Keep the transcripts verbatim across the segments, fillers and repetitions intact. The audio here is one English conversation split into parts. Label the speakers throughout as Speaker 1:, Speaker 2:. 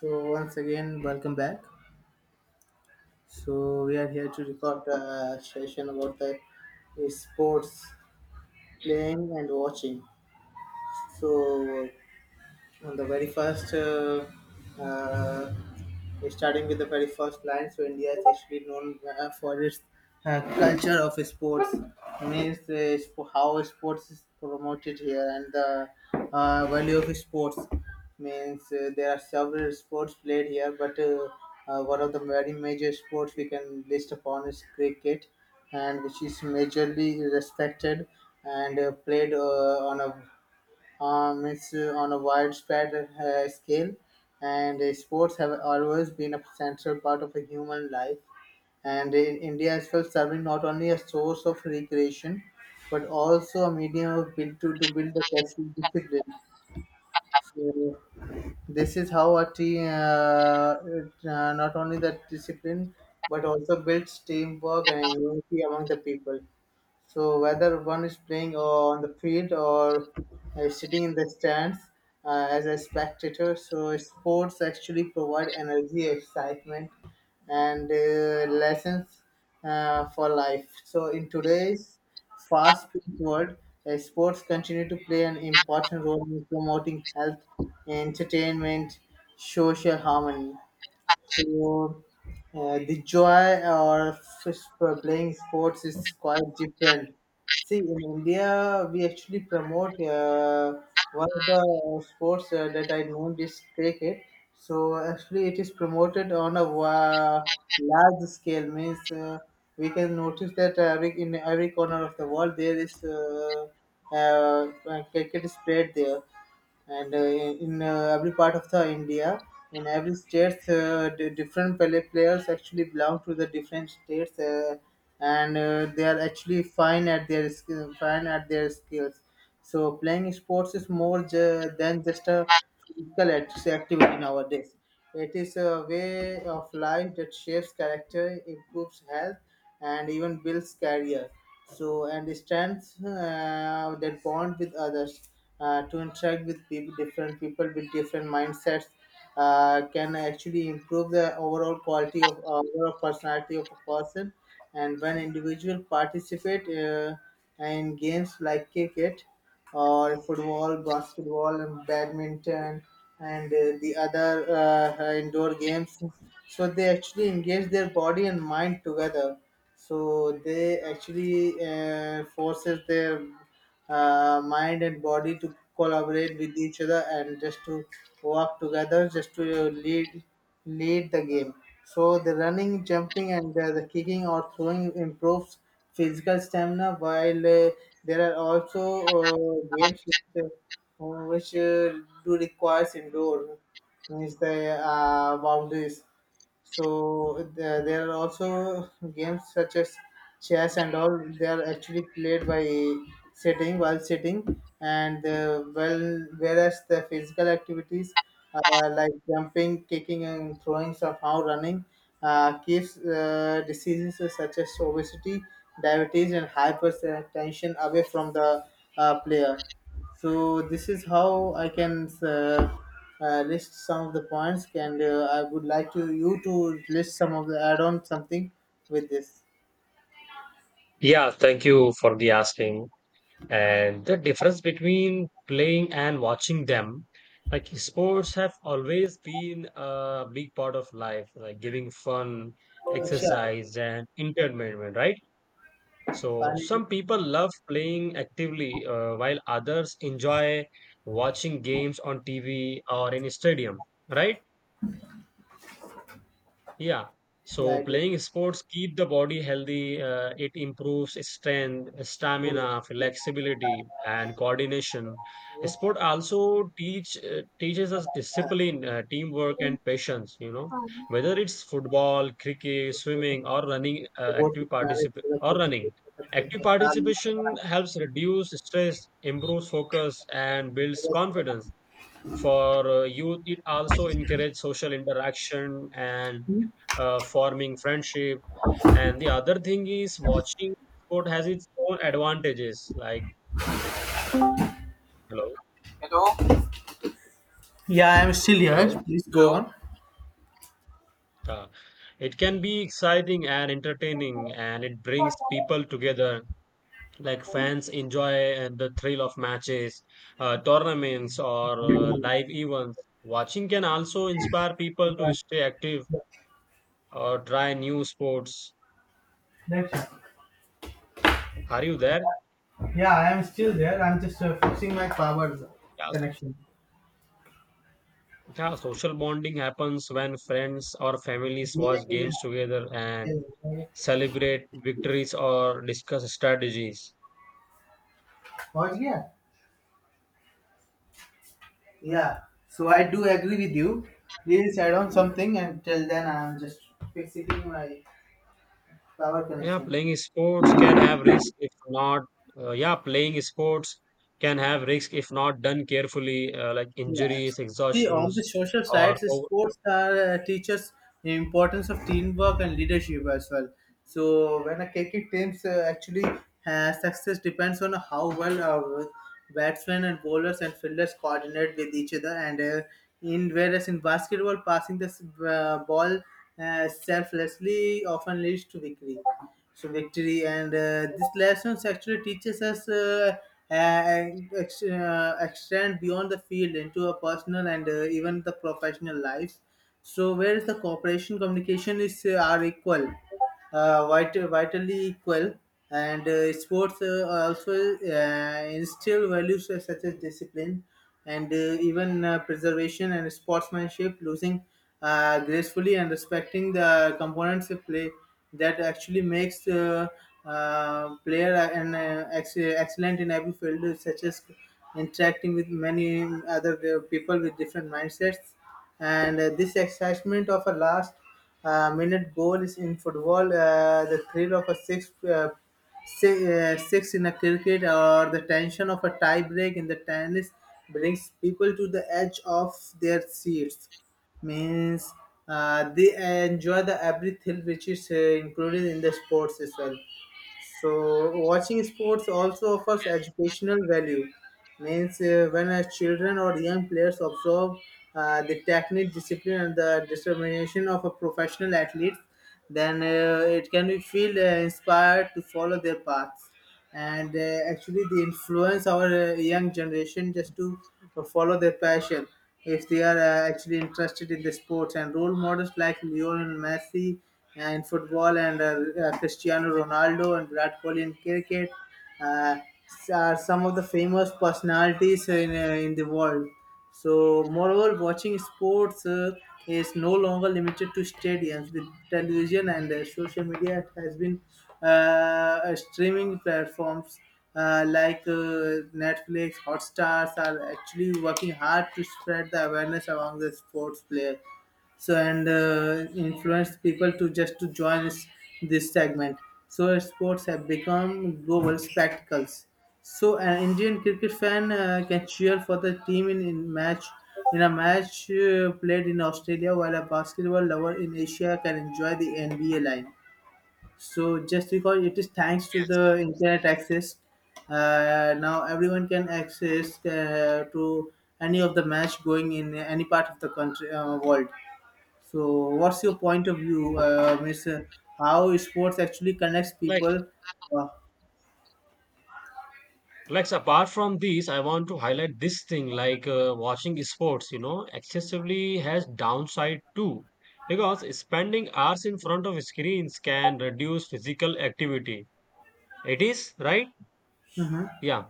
Speaker 1: So once again, welcome back. So we are here to record a session about the sports playing and watching. So on the very first, uh, uh, starting with the very first line, so India is actually known uh, for its uh, culture of sports, means uh, sp- how sports is promoted here and the uh, value of sports. Means uh, there are several sports played here, but uh, uh, one of the very major sports we can list upon is cricket, and which is majorly respected and uh, played uh, on a um, it's uh, on a widespread uh, scale, and uh, sports have always been a central part of a human life. And in India as well, serving not only a source of recreation, but also a medium of build to, to build the personal discipline. So this is how a team, uh, it, uh, not only the discipline, but also builds teamwork and unity among the people. So whether one is playing on the field or uh, sitting in the stands uh, as a spectator, so sports actually provide energy, excitement, and uh, lessons uh, for life. So in today's fast world, uh, sports continue to play an important role in promoting health, entertainment, social harmony. So uh, the joy or s- playing sports is quite different. See, in India, we actually promote uh, one of the uh, sports uh, that I know is cricket. So actually, it is promoted on a wa- large scale. Means uh, we can notice that every, in every corner of the world there is uh, uh, cricket is played there and uh, in uh, every part of the india, in every states uh, d- different pla- players actually belong to the different states uh, and uh, they are actually fine at their skill fine at their skills. So playing sports is more ju- than just a physical act- activity nowadays. It is a way of life that shapes character, improves health, and even builds career. So and strengths uh, that bond with others, uh, to interact with peop different people with different mindsets uh, can actually improve the overall quality of uh, overall personality of a person. And when individual participate uh, in games like cricket or football, basketball, and badminton, and uh, the other uh, uh, indoor games, so they actually engage their body and mind together. So they actually uh, forces their uh, mind and body to collaborate with each other and just to work together just to uh, lead lead the game. So the running jumping and uh, the kicking or throwing improves physical stamina, while uh, there are also uh, games which, uh, which uh, do requires indoor, means the uh, boundaries. So there, there are also games such as chess and all. They are actually played by sitting while sitting, and uh, well, whereas the physical activities uh, like jumping, kicking, and throwing, somehow running, uh, keeps uh, diseases such as obesity, diabetes, and hypertension away from the uh, player. So this is how I can uh, uh, list some of the points, and uh, I would like to you to list some of the add-on something with this.
Speaker 2: Yeah, thank you for the asking. And the difference between playing and watching them, like sports have always been a big part of life, like giving fun,
Speaker 1: Akshay,
Speaker 2: exercise, and entertainment, right? So
Speaker 1: Pani,
Speaker 2: some people love playing actively, uh, while others enjoy watching games on T V or in a stadium, right? Yeah.
Speaker 1: yeah,
Speaker 2: So
Speaker 1: I do.
Speaker 2: playing sports keep the body healthy. Uh, it improves strength,
Speaker 1: बोलो।
Speaker 2: stamina, flexibility, and coordination. Sport also teach uh, teaches us discipline, uh, teamwork, and patience. You know, whether it's football, cricket, swimming, or running, uh,
Speaker 1: report से
Speaker 2: active
Speaker 1: किनारे
Speaker 2: participation
Speaker 1: से गलत
Speaker 2: or
Speaker 1: हो सकते
Speaker 2: running.
Speaker 1: सकते
Speaker 2: Active
Speaker 1: हैं साल में बाहर
Speaker 2: participation
Speaker 1: निकाल।
Speaker 2: helps reduce stress, improves focus, and builds confidence for uh, youth. It also encourages social interaction and uh, forming friendship, and the other thing is watching sport has its own advantages, like hello.
Speaker 1: Hello. Yeah, I am still here.
Speaker 2: Hello.
Speaker 1: Please go on.
Speaker 2: Uh, it can be exciting and entertaining, and it brings people together, like fans enjoy uh, the thrill of matches, uh, tournaments, or uh, live events. Watching can also inspire people
Speaker 1: Yeah,
Speaker 2: to stay active or try new sports.
Speaker 1: that's-
Speaker 2: Are you there?
Speaker 1: yeah, I am still there. I'm just uh, fixing my power
Speaker 2: Yeah.
Speaker 1: connection.
Speaker 2: Yeah, social bonding happens when friends or families
Speaker 1: Yeah,
Speaker 2: watch
Speaker 1: yeah,
Speaker 2: games together and
Speaker 1: yeah. Yeah.
Speaker 2: celebrate victories or discuss strategies.
Speaker 1: But yeah, yeah. So I do agree with you. Please add on something, and till then I'm just fixing my power
Speaker 2: Yeah,
Speaker 1: connection.
Speaker 2: playing sports can have risk if not. Uh, yeah, playing sports can have risk if not done carefully, uh, like
Speaker 1: Yeah.
Speaker 2: injuries,
Speaker 1: See, on the
Speaker 2: exhaustions,
Speaker 1: social
Speaker 2: or
Speaker 1: sides,
Speaker 2: over.
Speaker 1: sports are uh, teaches the importance of teamwork and leadership as well. So when a K K teams uh, actually uh, success depends on how well our batsmen and bowlers and fielders coordinate with each other. And uh, in whereas in basketball, passing the s- uh, ball uh, selflessly often leads to victory. So victory and uh, this lesson actually teaches us. Uh, and ex- uh, extend beyond the field into a personal and uh, even the professional life. So, whereas the cooperation communication is uh, are equal, uh, vital, vitally equal, and uh, sports uh, also uh, instill values such as discipline and uh, even uh, preservation and sportsmanship, losing uh, gracefully and respecting the components of play that actually makes uh, uh, player uh, an uh, ex- excellent in every field, such as interacting with many other uh, people with different mindsets. And uh, this excitement of a last uh, minute goal is in football, uh, the thrill of a sixth. Uh, Say, uh, six in a cricket or the tension of a tie break in the tennis brings people to the edge of their seats. Means uh, they enjoy the every thrill which is uh, included in the sports as well. So watching sports also offers
Speaker 2: Yes,
Speaker 1: educational value. Means uh, when uh, children or young players observe uh, the technique, discipline, and the determination of a professional athlete, then uh, it can be feel uh, inspired to follow their paths, and uh, actually they influence our uh, young generation just to uh, follow their passion if they are uh, actually interested in the sports. And role models like Lionel Messi and football and uh, uh, Cristiano Ronaldo and Brad Kohli in cricket uh, are some of the famous personalities in, uh, in the world. So, moreover, watching sports uh, is no longer limited to stadiums. With television and uh, social media, it has been uh, uh, streaming platforms uh, like uh, Netflix, Hotstars are actually working hard to spread the awareness among the sports players, so and uh, influenced people to just to join us- this segment. So sports have become global spectacles. So an Indian cricket fan uh, can cheer for the team in, in match in a match uh, played in Australia, while a basketball lover in Asia can enjoy the NBA line. So just because it is thanks to
Speaker 2: yes.
Speaker 1: the internet access, uh, now everyone can access uh, to any of the match going in any part of the country uh, world. So, what's your point of view, uh, Miss? uh, How sports actually connects
Speaker 2: Like
Speaker 1: people? Uh,
Speaker 2: Like apart from these, I want to highlight this thing, like uh, watching sports, you know, excessively has downside too. Because spending hours in front of screens can reduce physical activity. It is, right? Yeah.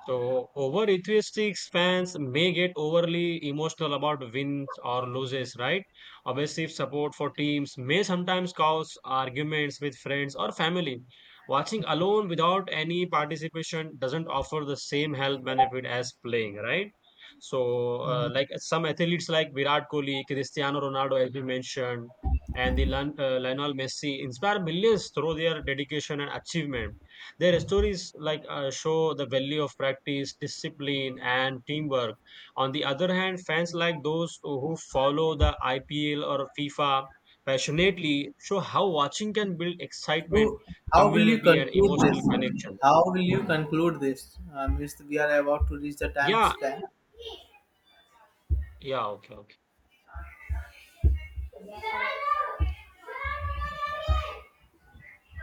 Speaker 2: So, over enthusiastic fans may get overly emotional about wins or losses, right? Obsessive support for teams may sometimes cause arguments with friends or family. Watching alone without any participation doesn't offer the same health benefit as playing, right? So, uh, like some athletes like Virat Kohli, Cristiano Ronaldo, as we mentioned, and the Lion- uh, Lionel Messi inspire millions through their dedication and achievement. Their stories, like uh, show the value of practice, discipline, and teamwork. On the other hand, fans like those who follow the I P L or FIFA passionately show how watching can build excitement,
Speaker 1: so, how will you
Speaker 2: community, and
Speaker 1: conclude this?
Speaker 2: emotional connection.
Speaker 1: How will you conclude this, uh, Miss? We are about to reach the time
Speaker 2: Yeah,
Speaker 1: span.
Speaker 2: yeah, okay, okay.